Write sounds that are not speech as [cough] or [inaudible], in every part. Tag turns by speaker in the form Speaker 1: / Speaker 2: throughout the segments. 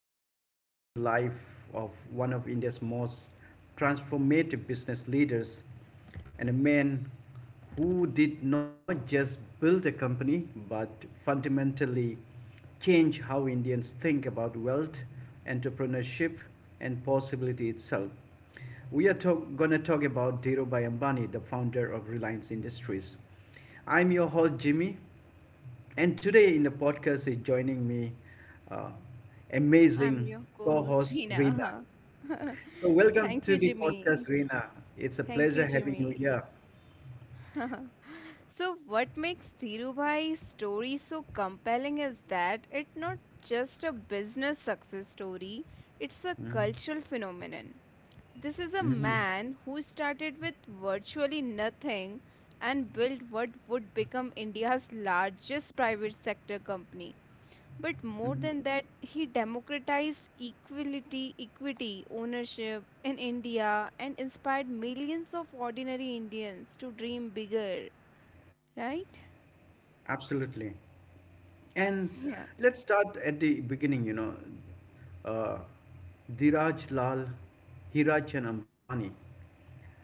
Speaker 1: we are exploring the life of one of India's most transformative business leaders and a man who did not just build a company but fundamentally change how Indians think about wealth, entrepreneurship, and possibility itself. We are going to talk about Dhirubhai Ambani, the founder of Reliance Industries. I'm your host, Jimmy, and today in the podcast is joining me uh,
Speaker 2: I'm
Speaker 1: amazing
Speaker 2: your co-host
Speaker 1: co-host Rina.
Speaker 2: Reena. [laughs]
Speaker 1: So welcome
Speaker 2: Thank
Speaker 1: to
Speaker 2: you,
Speaker 1: the
Speaker 2: Jimmy.
Speaker 1: podcast, Rina. It's a
Speaker 2: Thank you,
Speaker 1: pleasure having you
Speaker 2: Jimmy.
Speaker 1: here.
Speaker 2: [laughs] So, what makes Dhirubhai's story so compelling is that it's not just a business success story, it's a
Speaker 1: Mhm.
Speaker 2: cultural phenomenon. This is a
Speaker 1: Mhm.
Speaker 2: man who started with virtually nothing and built what would become India's largest private sector company, but more
Speaker 1: Mhm.
Speaker 2: than that, he democratized equality, equity, ownership in India and inspired millions of ordinary Indians to dream bigger, right?
Speaker 1: Absolutely. And
Speaker 2: Yeah.
Speaker 1: let's start at the beginning. Uh, Dhiraj Lal, Hirachan Ambani.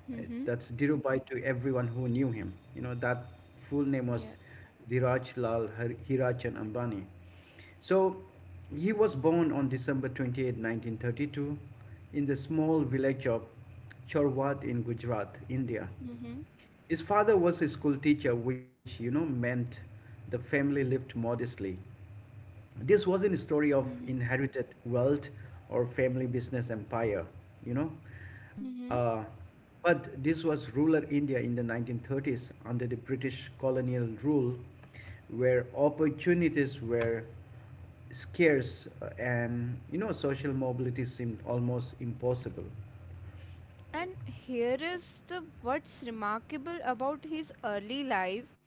Speaker 1: Uh, That's Dhirubhai to everyone who knew him. That full name
Speaker 2: Yeah.
Speaker 1: was Dhiraj Lal Hirachan Ambani. So he was born on December 28th, 1932, in the small village of Chorwat in Gujarat, India.
Speaker 2: Mm-hmm.
Speaker 1: His father was a school teacher, which meant the family lived modestly. This wasn't a story of
Speaker 2: Mm-hmm.
Speaker 1: inherited wealth or family business empire, you know. Uh,
Speaker 2: Mm-hmm.
Speaker 1: but this was rural India in the 1930s under the British colonial rule, where opportunities were scarce, and social mobility seemed almost impossible.
Speaker 2: And here is the what's remarkable about his early life.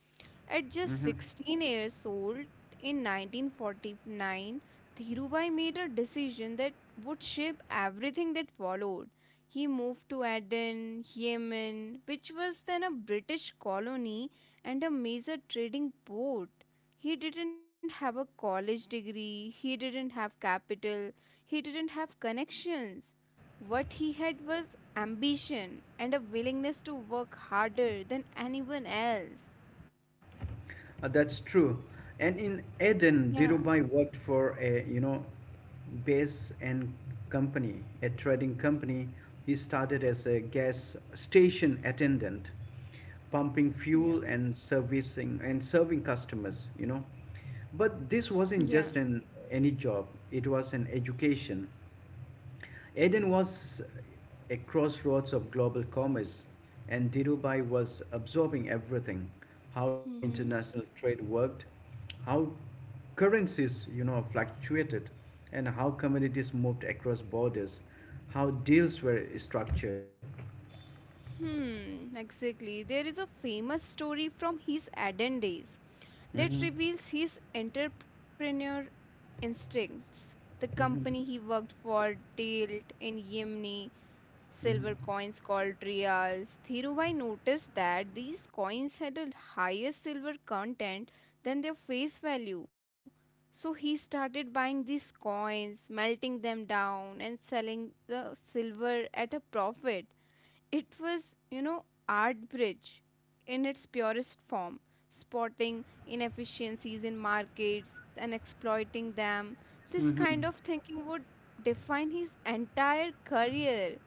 Speaker 2: At
Speaker 1: Mhm.
Speaker 2: just 16 years old in 1949, Dhirubhai made a decision that would shape everything that followed. He moved to Aden, Yemen, which was then a British colony and a major trading port. He didn't have a college degree, he didn't have capital, he didn't have connections. What he had was ambition and a willingness to work harder than anyone else.
Speaker 1: That's true. And in
Speaker 2: Yeah.
Speaker 1: Eden, Dhirubhai worked for a, Base and Company, a trading company. He started as a gas station attendant, pumping
Speaker 2: Yeah.
Speaker 1: fuel and servicing and serving customers. But this
Speaker 2: Yeah.
Speaker 1: wasn't just an any job, it was an education. Aden was a crossroads of global commerce, and Dhirubhai was absorbing everything: how
Speaker 2: Mm-hmm.
Speaker 1: international trade worked, how currencies fluctuated, and how commodities moved across borders, how deals were structured.
Speaker 2: Hmm. Exactly. There is a famous story from his Aden days that
Speaker 1: Hmm.
Speaker 2: reveals his entrepreneur instincts. The company he
Speaker 1: Hmm.
Speaker 2: worked for dealt in Yemeni silver coins called riyals. Dhirubhai noticed that these coins had a higher silver content than their face value. So he started buying these coins, melting them down, and selling the silver at a profit. It was, art bridge in its purest form, spotting inefficiencies in markets and exploiting them. This kind of thinking would define his entire career.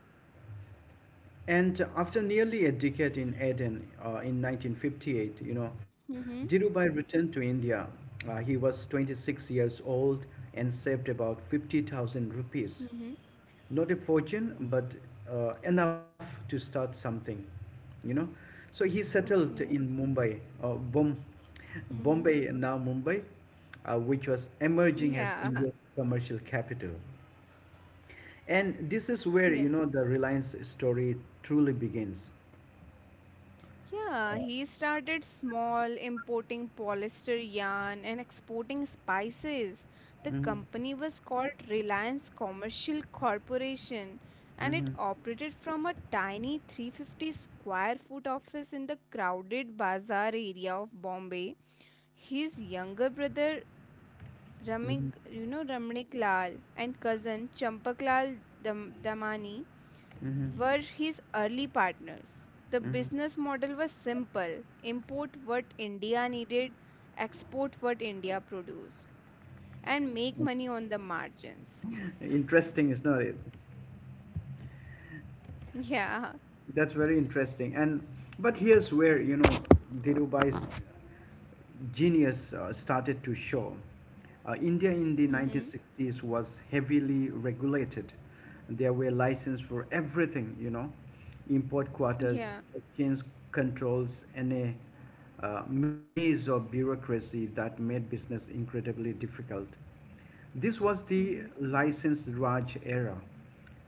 Speaker 1: And after nearly a decade in Aden, in 1958,
Speaker 2: Mm-hmm.
Speaker 1: Dhirubhai returned to India. He was 26 years old and saved about 50,000
Speaker 2: Mm-hmm.
Speaker 1: rupees. Not a fortune, but enough to start something, you know. So he settled
Speaker 2: Okay.
Speaker 1: in Mumbai,
Speaker 2: Mm-hmm.
Speaker 1: Bombay, now Mumbai, which was emerging
Speaker 2: Yeah.
Speaker 1: as India's commercial capital. And this is
Speaker 2: Yeah.
Speaker 1: where the Reliance story truly begins.
Speaker 2: Yeah, he started small, importing polyester yarn and exporting spices. The
Speaker 1: Hmm.
Speaker 2: company was called Reliance Commercial Corporation and it
Speaker 1: Hmm.
Speaker 2: operated from a tiny 350 square foot office in the crowded bazaar area of Bombay. His younger brother Ramik, Ramnik Lal, and cousin Champak Lal Damani were his early partners. The business model was simple: import what India needed, export what India produced, and make money on the margins.
Speaker 1: Interesting, is not it?
Speaker 2: Yeah.
Speaker 1: That's very interesting. And but here's where Dhirubai's genius, started to show. India in the
Speaker 2: Mm-hmm.
Speaker 1: 1960s was heavily regulated. There were licenses for everything, import
Speaker 2: Yeah.
Speaker 1: quotas, exchange controls, and a maze of bureaucracy that made business incredibly difficult. This was the
Speaker 2: Mm-hmm.
Speaker 1: licensed Raj era,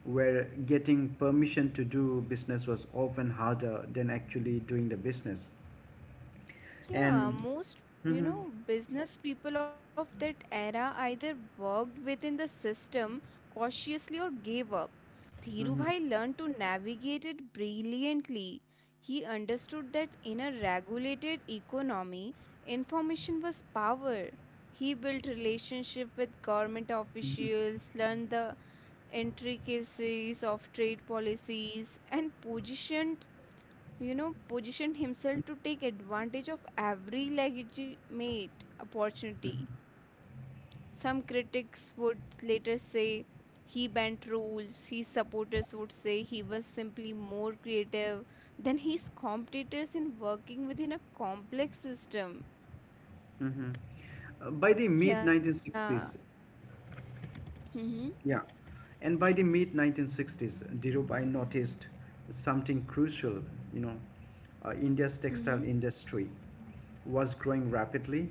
Speaker 1: where getting permission to do business was often harder than actually doing the business.
Speaker 2: Yeah.
Speaker 1: And. Mhm,
Speaker 2: Business people of that era either worked within the system cautiously or gave up.
Speaker 1: mhm,
Speaker 2: Dhirubhai learned to navigate it brilliantly. He understood that in a regulated economy, information was power. He built relationship with government
Speaker 1: mhm,
Speaker 2: officials, learned the intricacies of trade policies, and positioned himself to take advantage of every legitimate
Speaker 1: mhm,
Speaker 2: opportunity. Some critics would later say he bent rules, his supporters would say he was simply more creative than his competitors in working within a complex system.
Speaker 1: mhm. By the mid
Speaker 2: Yeah.
Speaker 1: 1960s,
Speaker 2: Mm-hmm.
Speaker 1: yeah, and by the mid 1960s, Dhirubhai noticed something crucial. You know, India's
Speaker 2: Mm-hmm.
Speaker 1: textile industry was growing rapidly,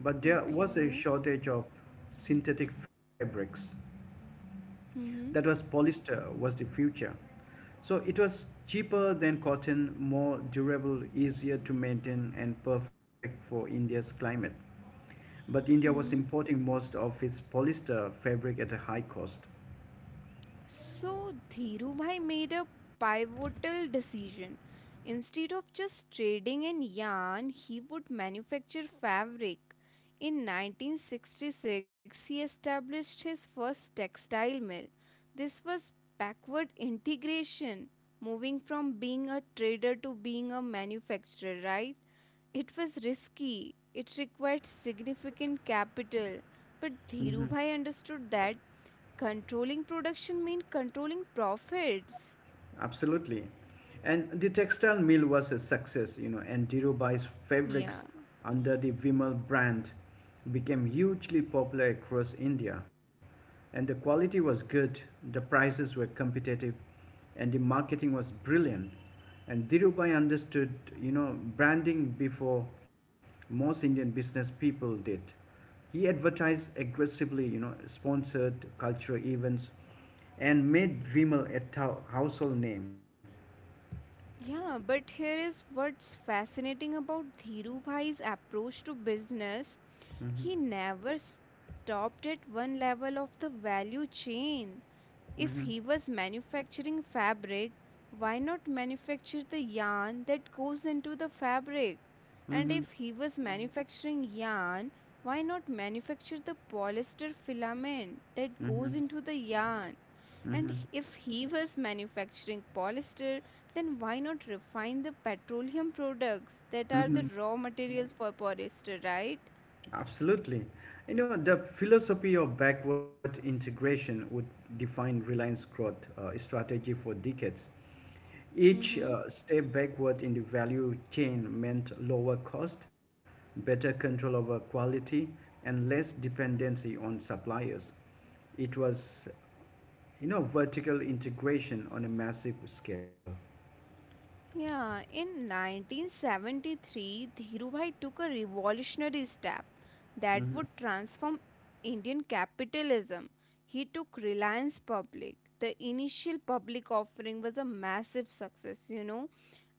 Speaker 1: but there was
Speaker 2: Okay.
Speaker 1: a shortage of synthetic fabrics.
Speaker 2: Mm-hmm.
Speaker 1: That was Polyester was the future. So it was cheaper than cotton, more durable, easier to maintain, and perfect for India's climate. But India was
Speaker 2: Mm-hmm.
Speaker 1: importing most of its polyester fabric at a high cost.
Speaker 2: So Dhirubhai made a pivotal decision. Instead of just trading in yarn, he would manufacture fabric. In 1966, he established his first textile mill. This was backward integration, moving from being a trader to being a manufacturer, right? It was risky, it required significant capital, but Dhirubhai understood that controlling production mean controlling profits.
Speaker 1: Absolutely. And the textile mill was a success, and Dhirubai's
Speaker 2: Yeah.
Speaker 1: fabrics under the Vimal brand became hugely popular across India. And the quality was good, the prices were competitive, and the marketing was brilliant. And Dhirubhai understood, branding before most Indian business people did. He advertised aggressively, sponsored cultural events and made Vimal a household name.
Speaker 2: Yeah, but here is what's fascinating about Dhiru Bhai's approach to business.
Speaker 1: Mm-hmm.
Speaker 2: He never stopped at one level of the value chain. If he
Speaker 1: Mm-hmm.
Speaker 2: was manufacturing fabric, why not manufacture the yarn that goes into the fabric? And
Speaker 1: Mm-hmm.
Speaker 2: if he was manufacturing yarn, why not manufacture the polyester filament that
Speaker 1: Mm-hmm.
Speaker 2: goes into the yarn? And
Speaker 1: Mm-hmm.
Speaker 2: if he was manufacturing polyester, then why not refine the petroleum products that are the
Speaker 1: Mm-hmm.
Speaker 2: raw materials for polyester, right?
Speaker 1: Absolutely. The philosophy of backward integration would define Reliance growth strategy for decades. Each
Speaker 2: Mm-hmm.
Speaker 1: step backward in the value chain meant lower cost, better control over quality, and less dependency on suppliers. It was, vertical integration on a massive scale.
Speaker 2: Yeah, in 1973, Dhirubhai took a revolutionary step that
Speaker 1: Mm-hmm.
Speaker 2: would transform Indian capitalism. He took Reliance public. The initial public offering was a massive success,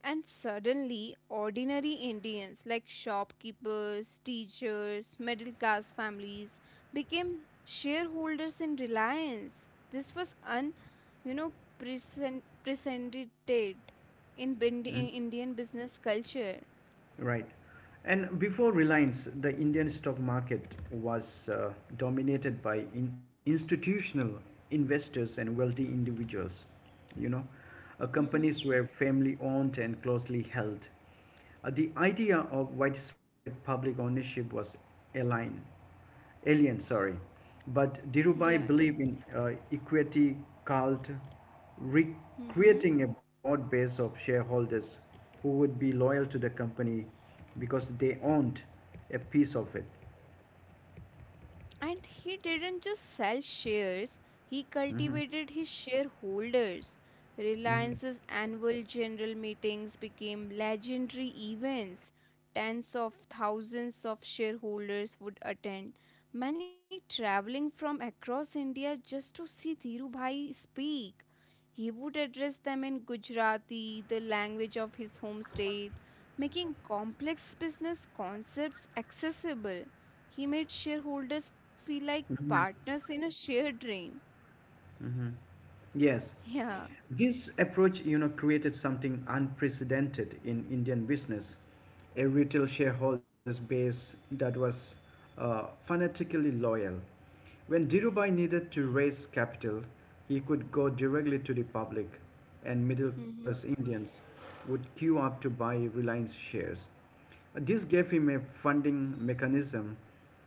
Speaker 2: And suddenly, ordinary Indians like shopkeepers, teachers, middle class families became shareholders in Reliance. This was you know, presented in Indian business culture.
Speaker 1: Right. And before Reliance, the Indian stock market was dominated by institutional investors and wealthy individuals. You know, uh,
Speaker 2: Mm-hmm.
Speaker 1: companies were family owned and closely held. The idea of widespread public ownership was aligned. Alien, sorry. But Dhirubhai
Speaker 2: Yeah.
Speaker 1: believed in equity cult, re-
Speaker 2: Mm-hmm.
Speaker 1: creating a broad base of shareholders who would be loyal to the company because they owned a piece of it.
Speaker 2: And he didn't just sell shares, he
Speaker 1: Hmm.
Speaker 2: cultivated his shareholders.
Speaker 1: Hmm.
Speaker 2: Reliance's annual general meetings became legendary events. Tens of thousands of shareholders would attend, many traveling from across India just to see Dhirubhai speak. He would address them in Gujarati, the language of his home state, making complex business concepts accessible. He made shareholders feel like partners in a shared dream.
Speaker 1: Hmm. Yes.
Speaker 2: Yeah.
Speaker 1: This approach, created something unprecedented in Indian business, a retail shareholders base that was fanatically loyal. When Dhirubhai needed to raise capital, he could go directly to the public, and middle class Indians would queue up to buy Reliance shares. This gave him a funding mechanism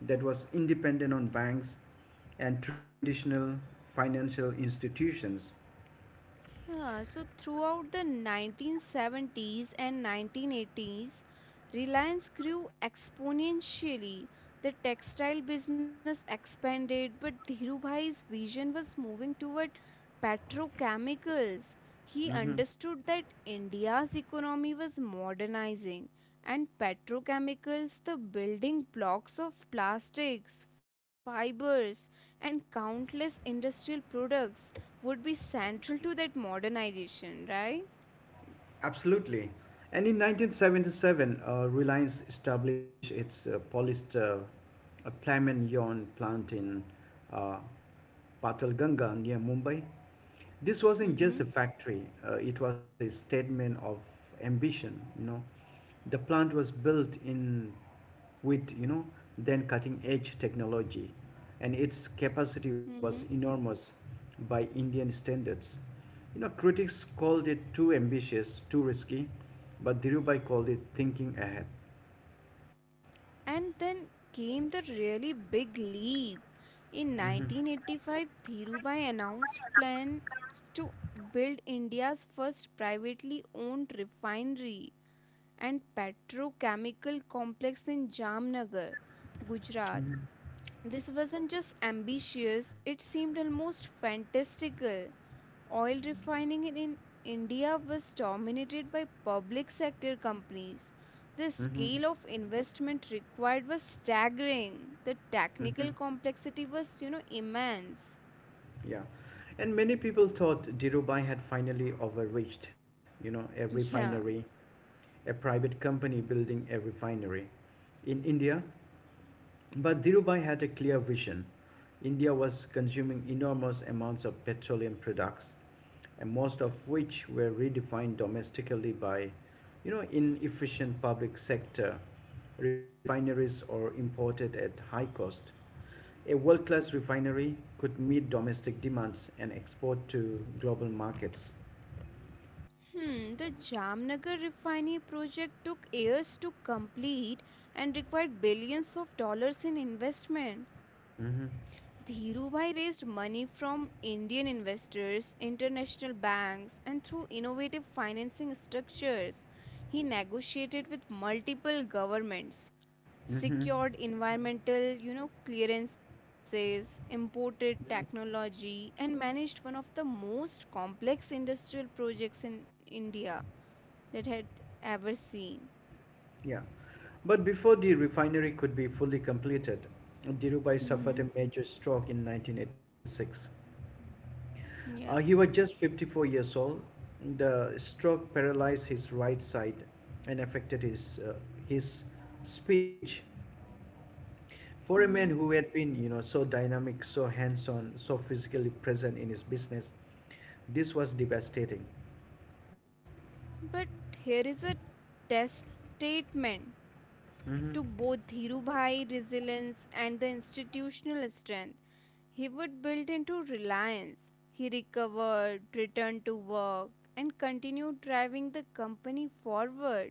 Speaker 1: that was independent on banks and traditional financial institutions.
Speaker 2: Yeah, so throughout the 1970s and 1980s, Reliance grew exponentially. The textile business expanded, but Dhirubhai's vision was moving toward petrochemicals. He understood that India's economy was modernizing and petrochemicals, the building blocks of plastics, fibers, and countless industrial products, would be central to that modernization, right?
Speaker 1: Absolutely. And in 1977, Reliance established its polished Plamen yarn plant in uh, Patalganga near Mumbai. This wasn't
Speaker 2: Mm-hmm.
Speaker 1: just a factory, it was a statement of ambition. The plant was built in with then cutting edge technology, and its
Speaker 2: Mm-hmm.
Speaker 1: capacity was enormous by Indian standards. Critics called it too ambitious, too risky, but Dhirubhai called it thinking ahead.
Speaker 2: And then came the really big leap. In
Speaker 1: Hmm.
Speaker 2: 1985, Dhirubhai announced plans to build India's first privately owned refinery and petrochemical complex in Jamnagar, Gujarat. This wasn't just ambitious, it seemed almost fantastical. Oil refining in India was dominated by public sector companies. The
Speaker 1: Hmm.
Speaker 2: scale of investment required was staggering. The
Speaker 1: Hmm.
Speaker 2: technical complexity was, immense.
Speaker 1: Yeah. And many people thought Dhirubhai had finally overreached, a
Speaker 2: Yeah.
Speaker 1: refinery, a private company building a refinery in India. But Dhirubhai had a clear vision. India was consuming enormous amounts of petroleum products, and most of which were redefined domestically by, inefficient public sector refineries or imported at high cost. A world-class refinery could meet domestic demands and export to global markets.
Speaker 2: Hmm, the Jamnagar refinery project took years to complete and required billions of dollars in investment.
Speaker 1: Mm-hmm.
Speaker 2: Dhirubhai raised money from Indian investors, international banks, and through innovative financing structures. He negotiated with multiple governments,
Speaker 1: Mm-hmm.
Speaker 2: secured environmental clearances, imported
Speaker 1: Yeah.
Speaker 2: technology, and managed one of the most complex industrial projects in India that had ever seen.
Speaker 1: Yeah. But before the refinery could be fully completed, Dhirubhai suffered
Speaker 2: Mm-hmm.
Speaker 1: a major stroke in 1986. He
Speaker 2: Yeah.
Speaker 1: was just 54 years old. The stroke paralyzed his right side and affected his speech. For a man who
Speaker 2: Mm-hmm.
Speaker 1: had been, so dynamic, so hands-on, so physically present in his business, this was devastating.
Speaker 2: But here is a test statement
Speaker 1: Mm-hmm.
Speaker 2: to both Dhirubhai resilience and the institutional strength he would build into Reliance. He recovered, returned to work, and continued driving the company forward.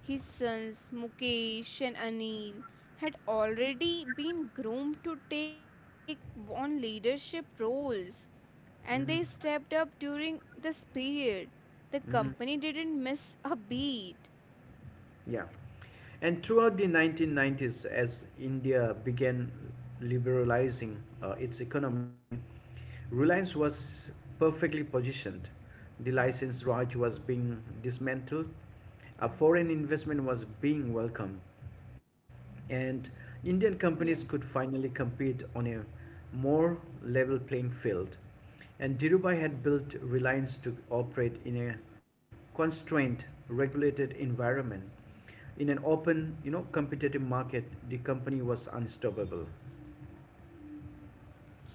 Speaker 2: His sons Mukesh and Anil had already been groomed to take on leadership roles and they
Speaker 1: Mm-hmm.
Speaker 2: stepped up during this period. The company
Speaker 1: Mm-hmm.
Speaker 2: didn't miss a beat.
Speaker 1: Yeah. And throughout the 1990s, as India began liberalizing its economy, Reliance was perfectly positioned. The license Raj was being dismantled, a foreign investment was being welcomed, and Indian companies
Speaker 2: Yeah.
Speaker 1: could finally compete on a more level playing field. And Dhirubhai had built Reliance to operate in a constrained, regulated environment. In an open, competitive market, the company was unstoppable.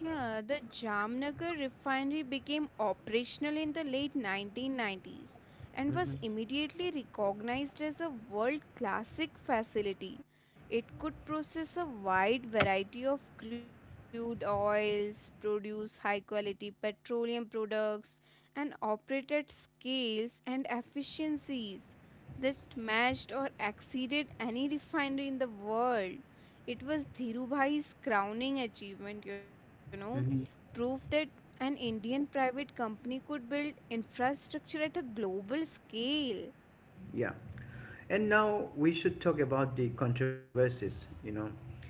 Speaker 2: Yeah, the Jamnagar refinery became operational in the late 1990s and
Speaker 1: Hmm.
Speaker 2: was immediately recognized as a world classic facility. It could process a wide variety of crude oils, produce high quality petroleum products, and operate at scales and efficiencies that matched or exceeded any refinery in the world. It was Dhirubhai's crowning achievement,
Speaker 1: Hmm.
Speaker 2: proof that an Indian private company could build infrastructure at a global scale.
Speaker 1: Yeah. And now we should talk about the controversies,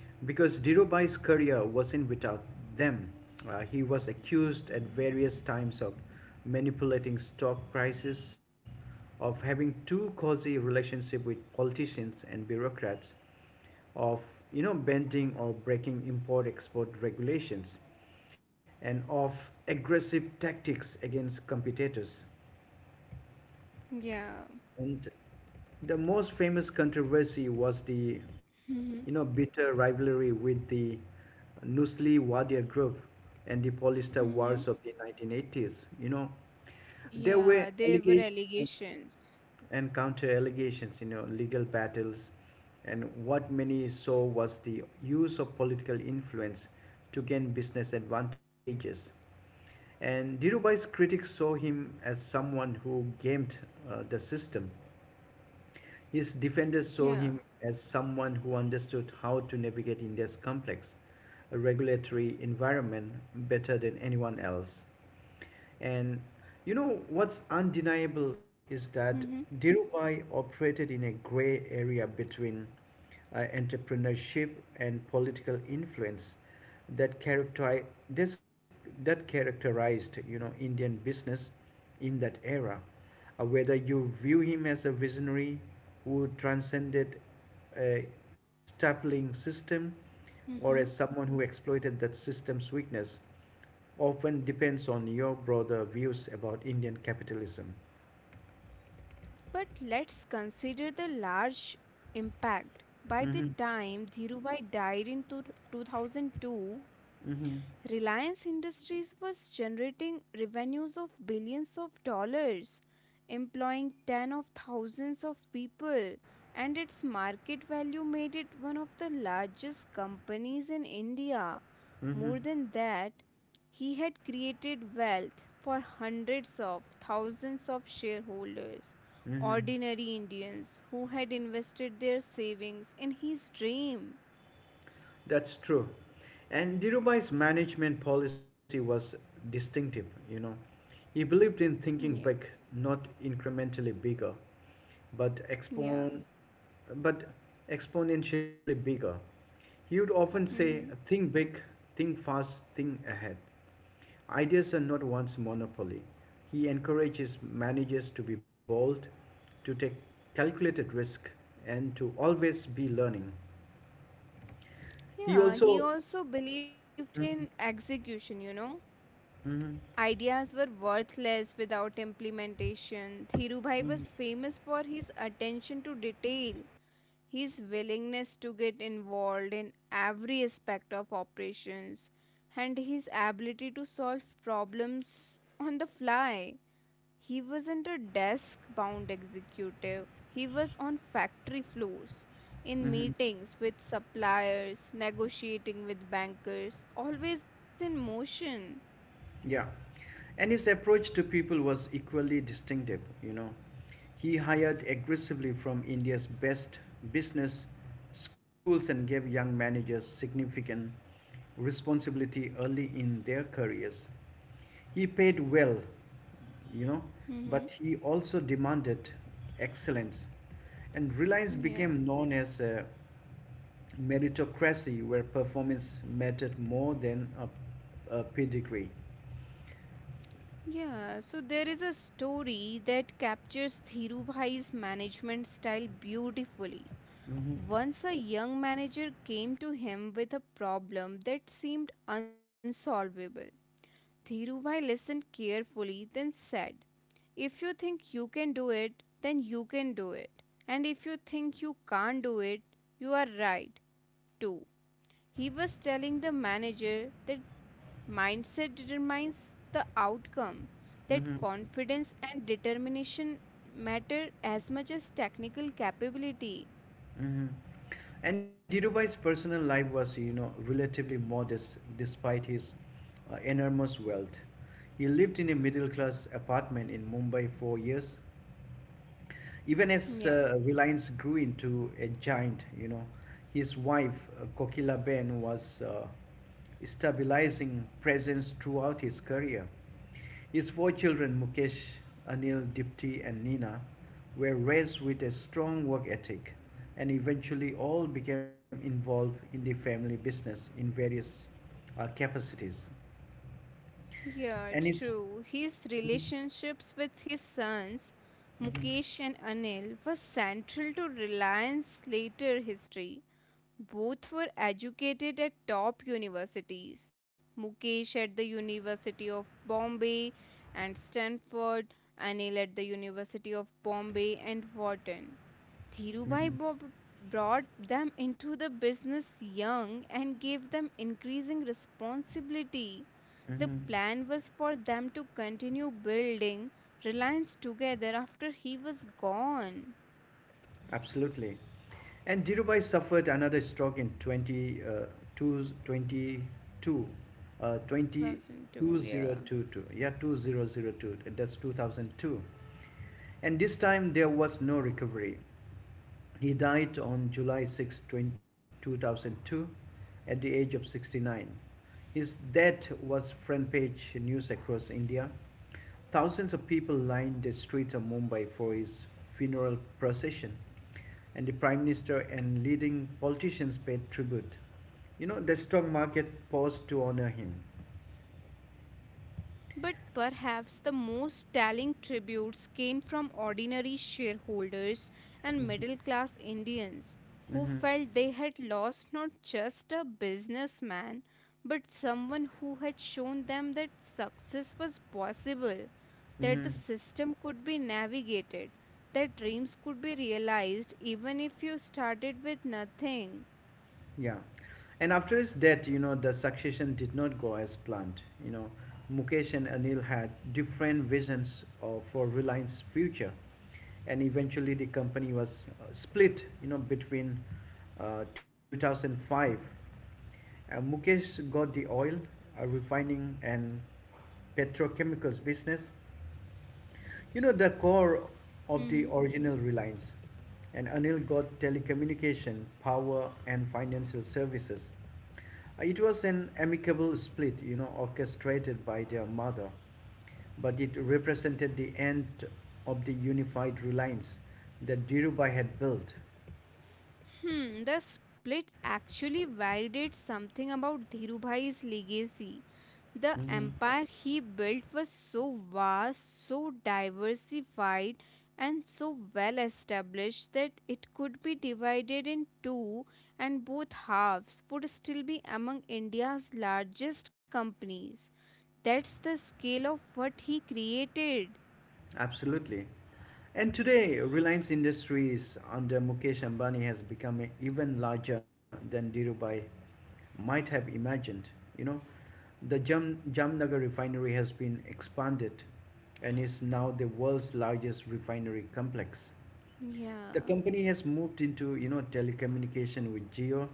Speaker 1: because Dhirubhai's career wasn't without them. He was accused at various times of manipulating stock prices, of having too cozy relationship with politicians and bureaucrats, of bending or breaking import-export regulations, and of aggressive tactics against competitors.
Speaker 2: Yeah.
Speaker 1: And the most famous controversy was the,
Speaker 2: Mm-hmm.
Speaker 1: bitter rivalry with the Nusli Wadia group and the polyester
Speaker 2: Mm-hmm.
Speaker 1: wars of the 1980s. There were
Speaker 2: Yeah, there were
Speaker 1: allegations and,
Speaker 2: allegations.
Speaker 1: and counter allegations, legal battles, and what many saw was the use of political influence to gain business advantages. And Dhirubhai's critics saw him as someone who gamed the system. His defenders saw
Speaker 2: Yeah.
Speaker 1: him as someone who understood how to navigate India's complex regulatory environment better than anyone else. And what's undeniable is that
Speaker 2: Mm-hmm.
Speaker 1: Dhirubhai operated in a gray area between entrepreneurship and political influence that characteri- this that characterized Indian business in that era, whether you view him as a visionary who transcended a stifling system or as
Speaker 2: Mm-hmm.
Speaker 1: someone who exploited that system's weakness often depends on your broader views about Indian capitalism.
Speaker 2: But let's consider the large impact. By the
Speaker 1: Mm-hmm.
Speaker 2: time Dhirubhai died in 2002,
Speaker 1: Mm-hmm.
Speaker 2: Reliance Industries was generating revenues of billions of dollars, employing tens of thousands of people, and its market value made it one of the largest companies in India.
Speaker 1: Mm-hmm.
Speaker 2: More than that, he had created wealth for hundreds of thousands of shareholders,
Speaker 1: Mm-hmm.
Speaker 2: ordinary Indians who had invested their savings in his dream.
Speaker 1: That's true. And Dhirubhai's management policy was distinctive. He believed in thinking big,
Speaker 2: Yeah,
Speaker 1: not incrementally bigger, but
Speaker 2: yeah.
Speaker 1: but exponentially bigger. He would often say,
Speaker 2: Hmm.
Speaker 1: think big, think fast, think ahead. Ideas are not one's monopoly. He encourages managers to be bold, to take calculated risk, and to always be learning. He
Speaker 2: Yeah,
Speaker 1: also.
Speaker 2: he also believed in
Speaker 1: Mhm,
Speaker 2: execution,
Speaker 1: mhm,
Speaker 2: Ideas were worthless without implementation. Dhirubhai was famous for his attention to detail, his willingness to get involved in every aspect of operations, and his ability to solve problems on the fly. He wasn't a desk bound executive, he was on factory floors. In
Speaker 1: mhm.
Speaker 2: meetings with suppliers, negotiating with bankers, always in motion.
Speaker 1: Yeah. And his approach to people was equally distinctive. He hired aggressively from India's best business schools and gave young managers significant responsibility early in their careers. He paid well, you know, but he also demanded excellence. And Reliance
Speaker 2: Yeah.
Speaker 1: became known as a meritocracy where performance mattered more than a pedigree.
Speaker 2: Yeah, so there is a story that captures Dhirubhai's management style beautifully.
Speaker 1: Mhm.
Speaker 2: Once a young manager came to him with a problem that seemed unsolvable. Dhirubhai listened carefully, then said, "If you think you can do it, then you can do it. And if you think you can't do it, you are right, too." He was telling the manager that mindset determines the outcome, that
Speaker 1: Mm-hmm.
Speaker 2: confidence and determination matter as much as technical capability.
Speaker 1: Mm-hmm. And Dhirubhai's personal life was, relatively modest despite his enormous wealth. He lived in a middle class apartment in Mumbai for years, even as
Speaker 2: Yeah,
Speaker 1: Reliance grew into a giant, his wife, Kokila Ben, was stabilizing presence throughout his career. His four children, Mukesh, Anil, Dipti, and Nina, were raised with a strong work ethic and eventually all became involved in the family business in various capacities.
Speaker 2: yeah,
Speaker 1: And his,
Speaker 2: true. His relationships with his sons, Mukesh and Anil, were central to Reliance later history. Both were educated at top universities: Mukesh at the University of Bombay and Stanford, Anil at the University of Bombay and Wharton. Dhirubhai Bo- brought them into the business young and gave them increasing responsibility. The
Speaker 1: Mhm.
Speaker 2: plan was for them to continue building Reliance together after he was gone.
Speaker 1: Absolutely. And Dhirubhai suffered another stroke in 20, 22, 20 twenty
Speaker 2: 2002, yeah.
Speaker 1: twenty-two. Yeah, 2002. That's 2002. And this time there was no recovery. He died on July 6, 2002, at the age of 69. His death was front page news across India. Thousands of people lined the streets of Mumbai for his funeral procession, and the Prime Minister and leading politicians paid tribute. The stock market paused to honor him.
Speaker 2: But perhaps the most telling tributes came from ordinary shareholders and middle class Indians who
Speaker 1: Mm-hmm.
Speaker 2: felt they had lost not just a businessman but someone who had shown them that success was possible, that the
Speaker 1: Mm-hmm.
Speaker 2: system could be navigated, that dreams could be realized even if you started with nothing.
Speaker 1: Yeah. And after his death, the succession did not go as planned. Mukesh and Anil had different visions for Reliance's future, and eventually the company was split. You know, between 2005, and Mukesh got the oil, refining, and petrochemicals business, you know, the core of the original Reliance. And Anil got telecommunication, power, and financial services. It was an amicable split, you know, orchestrated by their mother, but it represented the end of the unified Reliance that Dhirubhai had built.
Speaker 2: Hmm, the split actually validates something about Dhirubhai's legacy. The
Speaker 1: Hmm.
Speaker 2: empire he built was so vast, so diversified, and so well established that it could be divided in two, and both halves would still be among India's largest companies. That's the scale of what he created.
Speaker 1: Absolutely. And today, Reliance Industries under Mukesh Ambani has become even larger than Dhirubhai might have imagined. You know, the Jamnagar refinery has been expanded and is now the world's largest refinery complex. The
Speaker 2: Yeah.
Speaker 1: company has moved into you know telecommunication with Geo,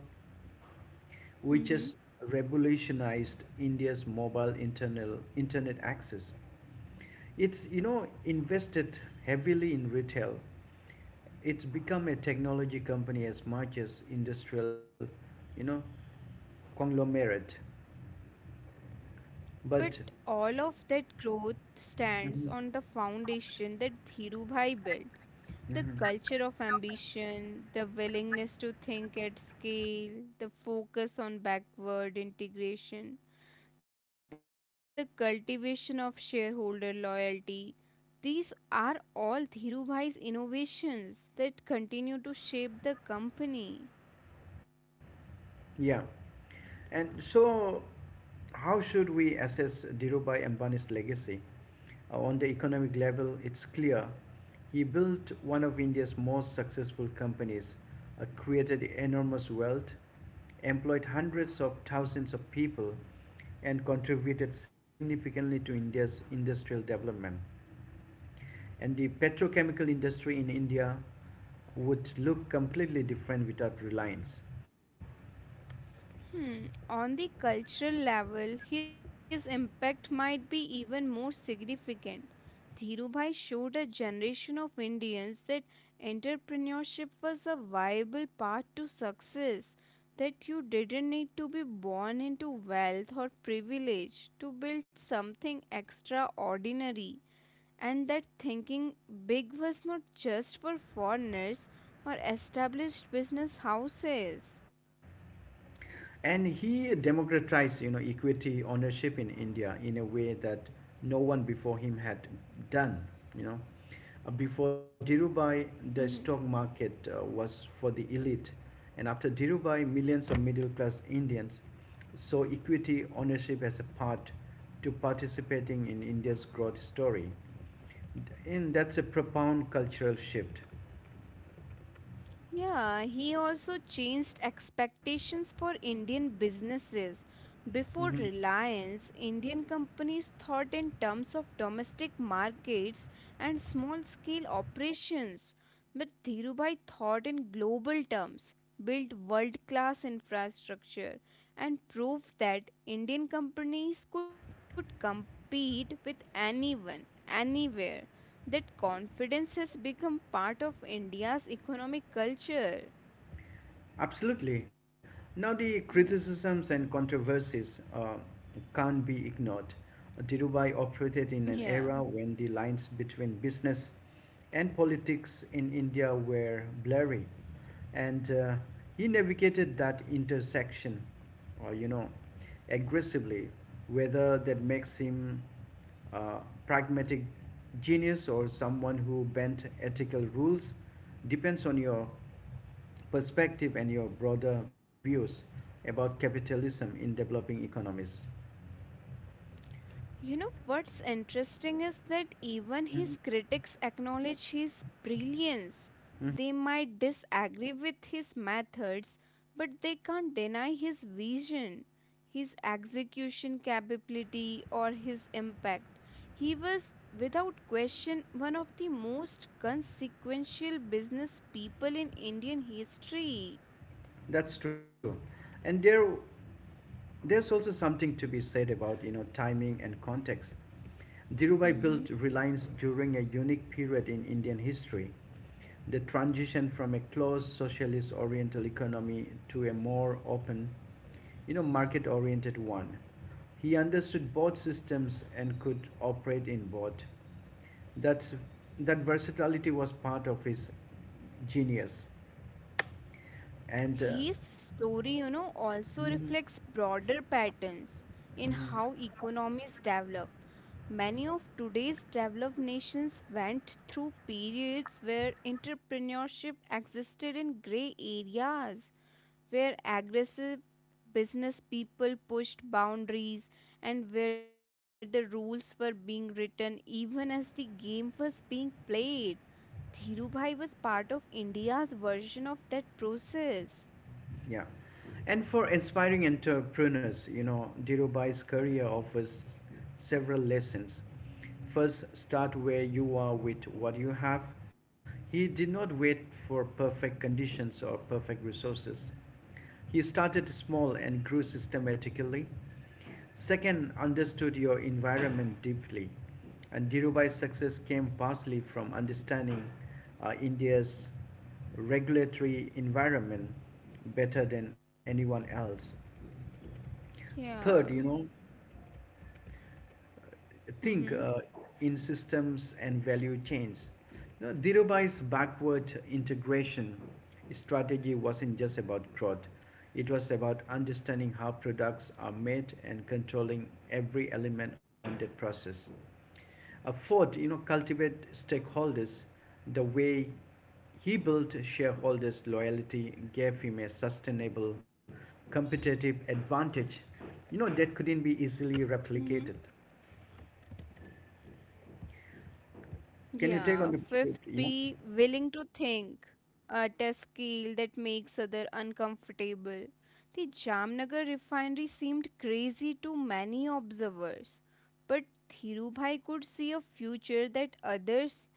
Speaker 1: which has
Speaker 2: Mm-hmm.
Speaker 1: revolutionized India's mobile internal internet access. It's you know invested heavily in retail. It's become a technology company as much as industrial, you know, conglomerate. But
Speaker 2: But all of that growth
Speaker 1: mhm,
Speaker 2: stands on the foundation that Dhirubhai built:
Speaker 1: mhm,
Speaker 2: the culture of ambition, the willingness to think at scale, the focus on backward integration, the cultivation of shareholder loyalty. These are all Dhirubhai's innovations that continue to shape the company.
Speaker 1: yeah. And so, how should we assess Dhirubhai Ambani's legacy? On the economic level, it's clear. He built one of India's most successful companies, created enormous wealth, employed hundreds of thousands of people, and contributed significantly to India's industrial development, and the petrochemical industry in India would look completely different without Reliance.
Speaker 2: Hmm. On the cultural level, his impact might be even more significant. Dhirubhai showed a generation of Indians that entrepreneurship was a viable path to success, that you didn't need to be born into wealth or privilege to build something extraordinary, and that thinking big was not just for foreigners or established business houses.
Speaker 1: And he democratized you know equity ownership in india in a way that no one before him had done, you know. Before dhirubhai the stock market was for the elite, and after dhirubhai millions of middle class indians saw equity ownership as a part to participating in india's growth story, and that's a profound cultural shift.
Speaker 2: Yeah, he also changed expectations for Indian businesses. Before
Speaker 1: Mhm.
Speaker 2: Reliance, Indian companies thought in terms of domestic markets and small scale operations. But Dhirubhai thought in global terms, built world class infrastructure, and proved that Indian companies could compete with anyone, anywhere. That confidence has become part of India's economic culture.
Speaker 1: Absolutely. Now, the
Speaker 2: Yeah.
Speaker 1: criticisms and controversies can't be ignored. Dhirubhai operated in an
Speaker 2: Yeah.
Speaker 1: era when the lines between business and politics in India were blurry, and he navigated that intersection, you know, aggressively, whether that makes him a pragmatic genius or someone who bent ethical rules depends on your perspective and your broader views about capitalism in developing economies.
Speaker 2: You know what's interesting is that even his
Speaker 1: Mhm.
Speaker 2: critics acknowledge his brilliance.
Speaker 1: Mhm.
Speaker 2: They might disagree with his methods, but they can't deny his vision, his execution capability, or his impact. He was, without question, one of the most consequential business people in Indian history.
Speaker 1: That's true. And there's also something to be said about, you know, timing and context. Dhirubhai built
Speaker 2: Hmm.
Speaker 1: Reliance during a unique period in Indian history. The transition from a closed socialist oriental economy to a more open, you know, market oriented one. He understood both systems and could operate in both. that's that versatility was part of his genius, and
Speaker 2: His story, also
Speaker 1: mm,
Speaker 2: reflects broader patterns in
Speaker 1: mm,
Speaker 2: how economies develop. Many of today's developed nations went through periods where entrepreneurship existed in gray areas, where aggressive business people pushed boundaries, and where the rules were being written even as the game was being played. Dhirubhai was part of India's version of that process.
Speaker 1: yeah. And for inspiring entrepreneurs you know Dhirubhai's career offers several lessons. First, start where you are with what you have. He did not wait for perfect conditions or perfect resources. He started small and grew systematically. Second, understood your environment deeply. And Dhirubhai's success came partly from understanding India's regulatory environment better than anyone else. Third, you know,
Speaker 2: Yeah. Mm-hmm.
Speaker 1: think in systems and value chains. You know, Dhirubhai's backward integration strategy wasn't just about growth. It was about understanding how products are made and controlling every element on that process. A fourth, you know, cultivate stakeholders. The way he built shareholders' loyalty gave him a sustainable competitive advantage, you know, that couldn't be easily replicated.
Speaker 2: Yeah,
Speaker 1: Can you
Speaker 2: fifth,
Speaker 1: take on the
Speaker 2: be
Speaker 1: script? Yeah.
Speaker 2: willing to think at a scale that makes other uncomfortable. The Jamnagar refinery seemed crazy to many observers, but Dhirubhai could see a future that others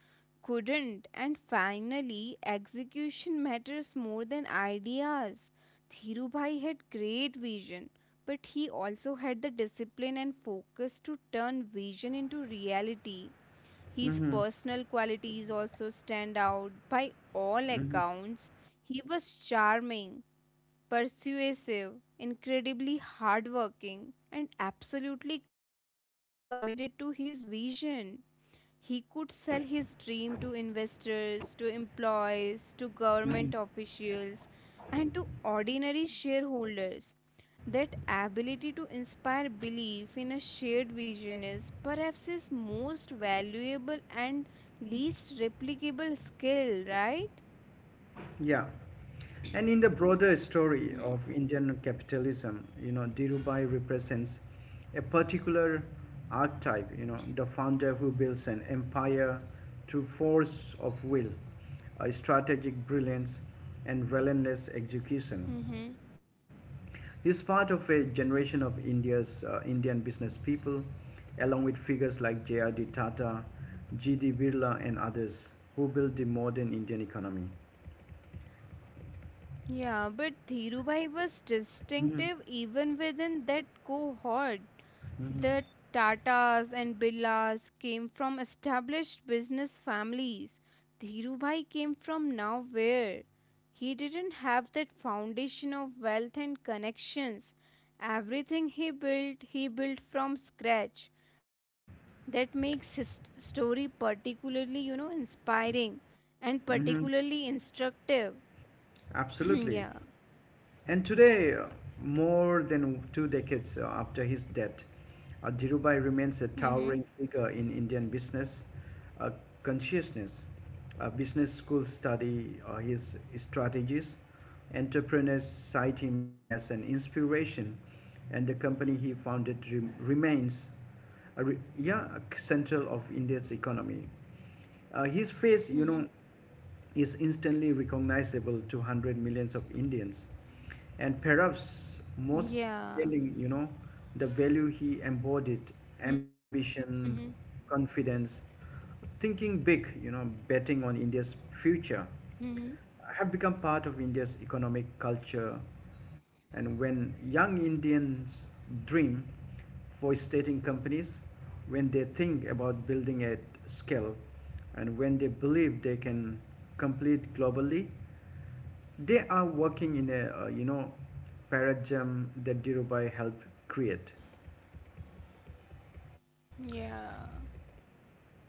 Speaker 2: couldn't, and finally, execution matters more than ideas. Dhirubhai had great vision, but he also had the discipline and focus to turn vision into reality. His personal qualities also stand out. By all accounts, he was charming, persuasive, incredibly hardworking, and absolutely committed to his vision. He could sell his dream to investors, to employees, to government officials, and to ordinary shareholders. That ability to inspire belief in a shared vision is perhaps his most valuable and least replicable skill, right?
Speaker 1: Yeah. And in the broader story of Indian capitalism, you know, Dhirubhai represents a particular archetype, you know, the founder who builds an empire through force of will, a strategic brilliance, and relentless execution.
Speaker 2: Hmm.
Speaker 1: He's part of a generation of India's Indian business people, along with figures like J.R.D. Tata, G.D. Birla, and others who built the modern Indian economy.
Speaker 2: Yeah, but Dhirubhai was
Speaker 1: Mhm,
Speaker 2: distinctive even within that cohort.
Speaker 1: mhm.
Speaker 2: The Tatas and Birlas came from established business families. Dhirubhai came from nowhere. He didn't have that foundation of wealth and connections. Everything he built from scratch. That makes his story particularly, inspiring and particularly instructive.
Speaker 1: Absolutely.
Speaker 2: [clears throat] Yeah.
Speaker 1: And today, more than two decades after his death, Dhirubhai remains a
Speaker 2: Mm-hmm.
Speaker 1: towering figure in Indian business uh, consciousness, business school study, his strategies. Entrepreneurs cite him as an inspiration, and the company he founded remains a yeah, a central of India's economy. His face, you
Speaker 2: Mm-hmm.
Speaker 1: know, is instantly recognizable to hundred millions of Indians, and perhaps most
Speaker 2: Yeah.
Speaker 1: telling, you know, the value he embodied:
Speaker 2: Mm-hmm.
Speaker 1: ambition, confidence, thinking big, you know, betting on India's future
Speaker 2: Mm-hmm.
Speaker 1: have become part of India's economic culture. And when young Indians dream for stating companies, when they think about building at scale, and when they believe they can compete globally, they are working in a you know paradigm that Dhirubhai helped create.
Speaker 2: Yeah.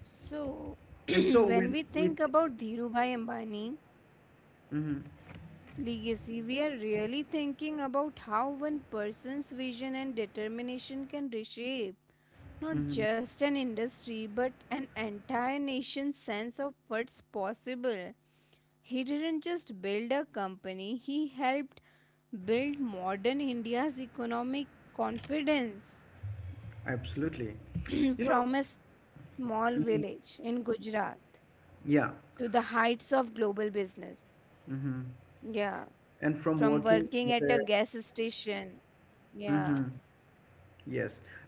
Speaker 2: So,
Speaker 1: And
Speaker 2: [clears throat]
Speaker 1: so when
Speaker 2: when we
Speaker 1: we,
Speaker 2: think about Dhirubhai Ambani
Speaker 1: Mhm,
Speaker 2: legacy, we are really thinking about how one person's vision and determination can reshape not
Speaker 1: mhm,
Speaker 2: just an industry but an entire nation's sense of what's possible. He didn't just build a company, he helped build modern India's economic confidence.
Speaker 1: absolutely,
Speaker 2: [clears throat]
Speaker 1: you know,
Speaker 2: From a small village in
Speaker 1: mhm,
Speaker 2: Gujarat to the
Speaker 1: yeah,
Speaker 2: heights of global business.
Speaker 1: hmm.
Speaker 2: Yeah.
Speaker 1: And
Speaker 2: From
Speaker 1: from working
Speaker 2: working at
Speaker 1: at
Speaker 2: a
Speaker 1: a
Speaker 2: gas station,
Speaker 1: mm-hmm.
Speaker 2: yeah,
Speaker 1: Yes.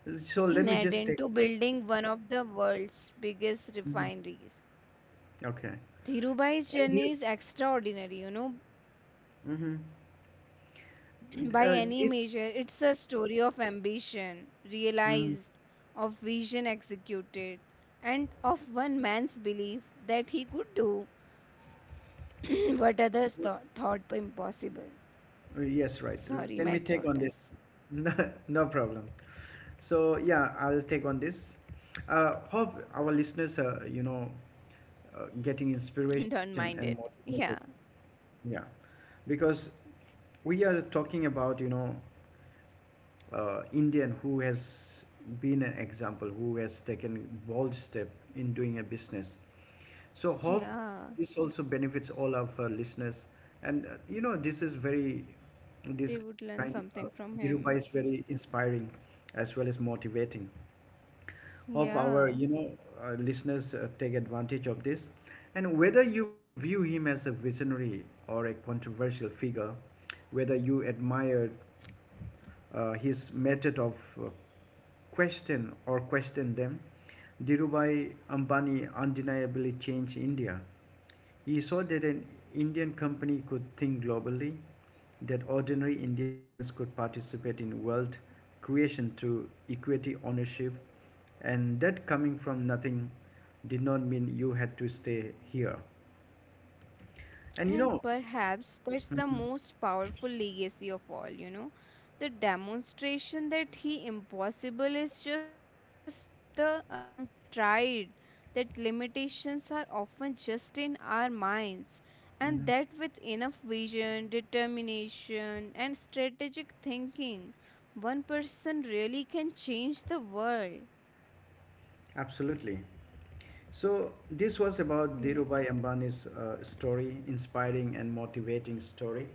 Speaker 1: So let me
Speaker 2: in
Speaker 1: just take up
Speaker 2: Aden to
Speaker 1: this.
Speaker 2: building one of the world's biggest
Speaker 1: Mhm.
Speaker 2: refineries.
Speaker 1: Okay. And
Speaker 2: Dhirubhai's
Speaker 1: you.
Speaker 2: journey is extraordinary,
Speaker 1: Mm-hmm.
Speaker 2: [clears throat]
Speaker 1: Uh,
Speaker 2: by
Speaker 1: it's.
Speaker 2: any measure. It's a story of ambition
Speaker 1: Mm,
Speaker 2: realized, of vision executed, and of one man's belief that he could do [clears throat] what
Speaker 1: uh,
Speaker 2: others thought were impossible.
Speaker 1: yes, right. Let me
Speaker 2: Sorry,
Speaker 1: take
Speaker 2: my
Speaker 1: on this.
Speaker 2: throat
Speaker 1: [laughs]
Speaker 2: is.
Speaker 1: No, no problem. So yeah, I'll take on this. Hope our listeners are you know getting inspiration and
Speaker 2: [laughs] Don't
Speaker 1: motivated.
Speaker 2: mind it. Yeah.
Speaker 1: Yeah, because we are talking about you know Indian who has been an example, who has taken bold step in doing a business. So hope this also
Speaker 2: Yeah.
Speaker 1: benefits all of our listeners. And you know, this kind,
Speaker 2: They would learn
Speaker 1: Dhirubhai is
Speaker 2: something from
Speaker 1: very
Speaker 2: him.
Speaker 1: inspiring as well as motivating of our you know
Speaker 2: Yeah.
Speaker 1: listeners take advantage of this, and whether you view him as a visionary or a controversial figure, whether you admire his method of uh, question or question them. Dhirubhai Ambani undeniably changed india. He saw that an Indian company could think globally, that ordinary Indians could participate in wealth creation through equity ownership, and that coming from nothing did not mean you had to stay here. And
Speaker 2: And
Speaker 1: you know,
Speaker 2: perhaps that's the
Speaker 1: mhm,
Speaker 2: most powerful legacy of all, you know. The demonstration that he impossible is just the untried, that limitations are often just in our minds, and
Speaker 1: mhm,
Speaker 2: that with enough vision, determination, and strategic thinking, one person really can change the world.
Speaker 1: absolutely. So this was about
Speaker 2: Yeah.
Speaker 1: Dhirubhai Ambani's story, inspiring and motivating story.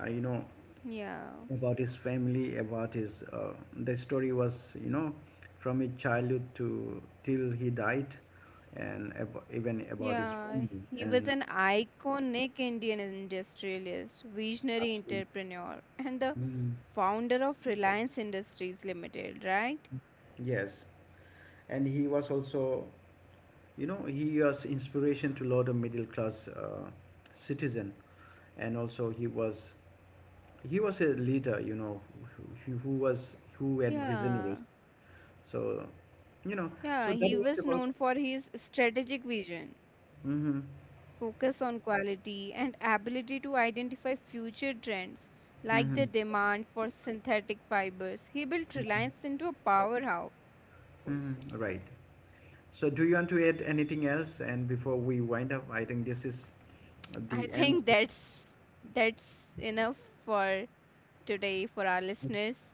Speaker 1: You know
Speaker 2: Yeah.
Speaker 1: about his family, about his the story was you know from his childhood to till he died, and even about his
Speaker 2: Yeah,
Speaker 1: family
Speaker 2: he was
Speaker 1: and
Speaker 2: an iconic Indian industrialist, visionary
Speaker 1: absolutely,
Speaker 2: entrepreneur, and the
Speaker 1: mm,
Speaker 2: founder of Reliance Industries Limited, right?
Speaker 1: yes, and he was also you know he was inspiration to lot of middle class citizen, and also he was a leader, you know, who had visionaries.
Speaker 2: Yeah,
Speaker 1: So, you know, so
Speaker 2: yeah,
Speaker 1: that
Speaker 2: he
Speaker 1: was
Speaker 2: was
Speaker 1: about.
Speaker 2: known for his strategic vision,
Speaker 1: Mm-hmm,
Speaker 2: focus on quality, and ability to identify future trends
Speaker 1: mm-hmm,
Speaker 2: like the demand for synthetic fibers. He built
Speaker 1: mm-hmm,
Speaker 2: Reliance into a powerhouse.
Speaker 1: mm-hmm, right. So, do you want to add anything else? And before we wind up, I think this is
Speaker 2: I
Speaker 1: the end.
Speaker 2: think that's enough for today for our listeners.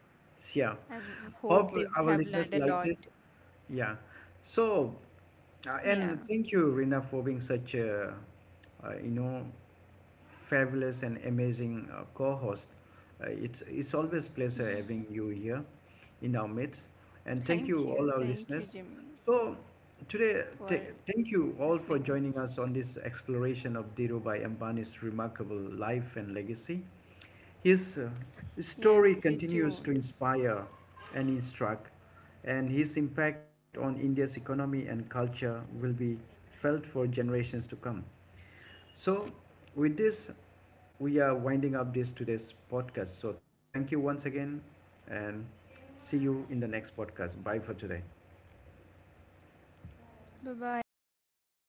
Speaker 1: Yeah.
Speaker 2: I
Speaker 1: Hope
Speaker 2: hope they
Speaker 1: our
Speaker 2: have
Speaker 1: listeners
Speaker 2: learned
Speaker 1: liked
Speaker 2: a
Speaker 1: it.
Speaker 2: lot.
Speaker 1: Yeah. So,
Speaker 2: Yeah.
Speaker 1: and thank you, Rina, for being such a, you know, fabulous and amazing co-host. It's always pleasure having you here in our midst, and thank
Speaker 2: Thank
Speaker 1: you all
Speaker 2: you.
Speaker 1: our
Speaker 2: Thank you,
Speaker 1: listeners.
Speaker 2: Jimmy,
Speaker 1: So today,
Speaker 2: for
Speaker 1: thank you all for
Speaker 2: listening
Speaker 1: joining
Speaker 2: us.
Speaker 1: us on this exploration of Dhirubhai Ambani's remarkable life and legacy. His
Speaker 2: Yeah, and
Speaker 1: story
Speaker 2: stay
Speaker 1: continues to
Speaker 2: tuned.
Speaker 1: inspire and instruct, and his impact on India's economy and culture will be felt for generations to come. So, with this, we are winding up this today's podcast. So, thank you once again, and see you in the next podcast. Bye for today.
Speaker 2: Bye bye everyone. Thank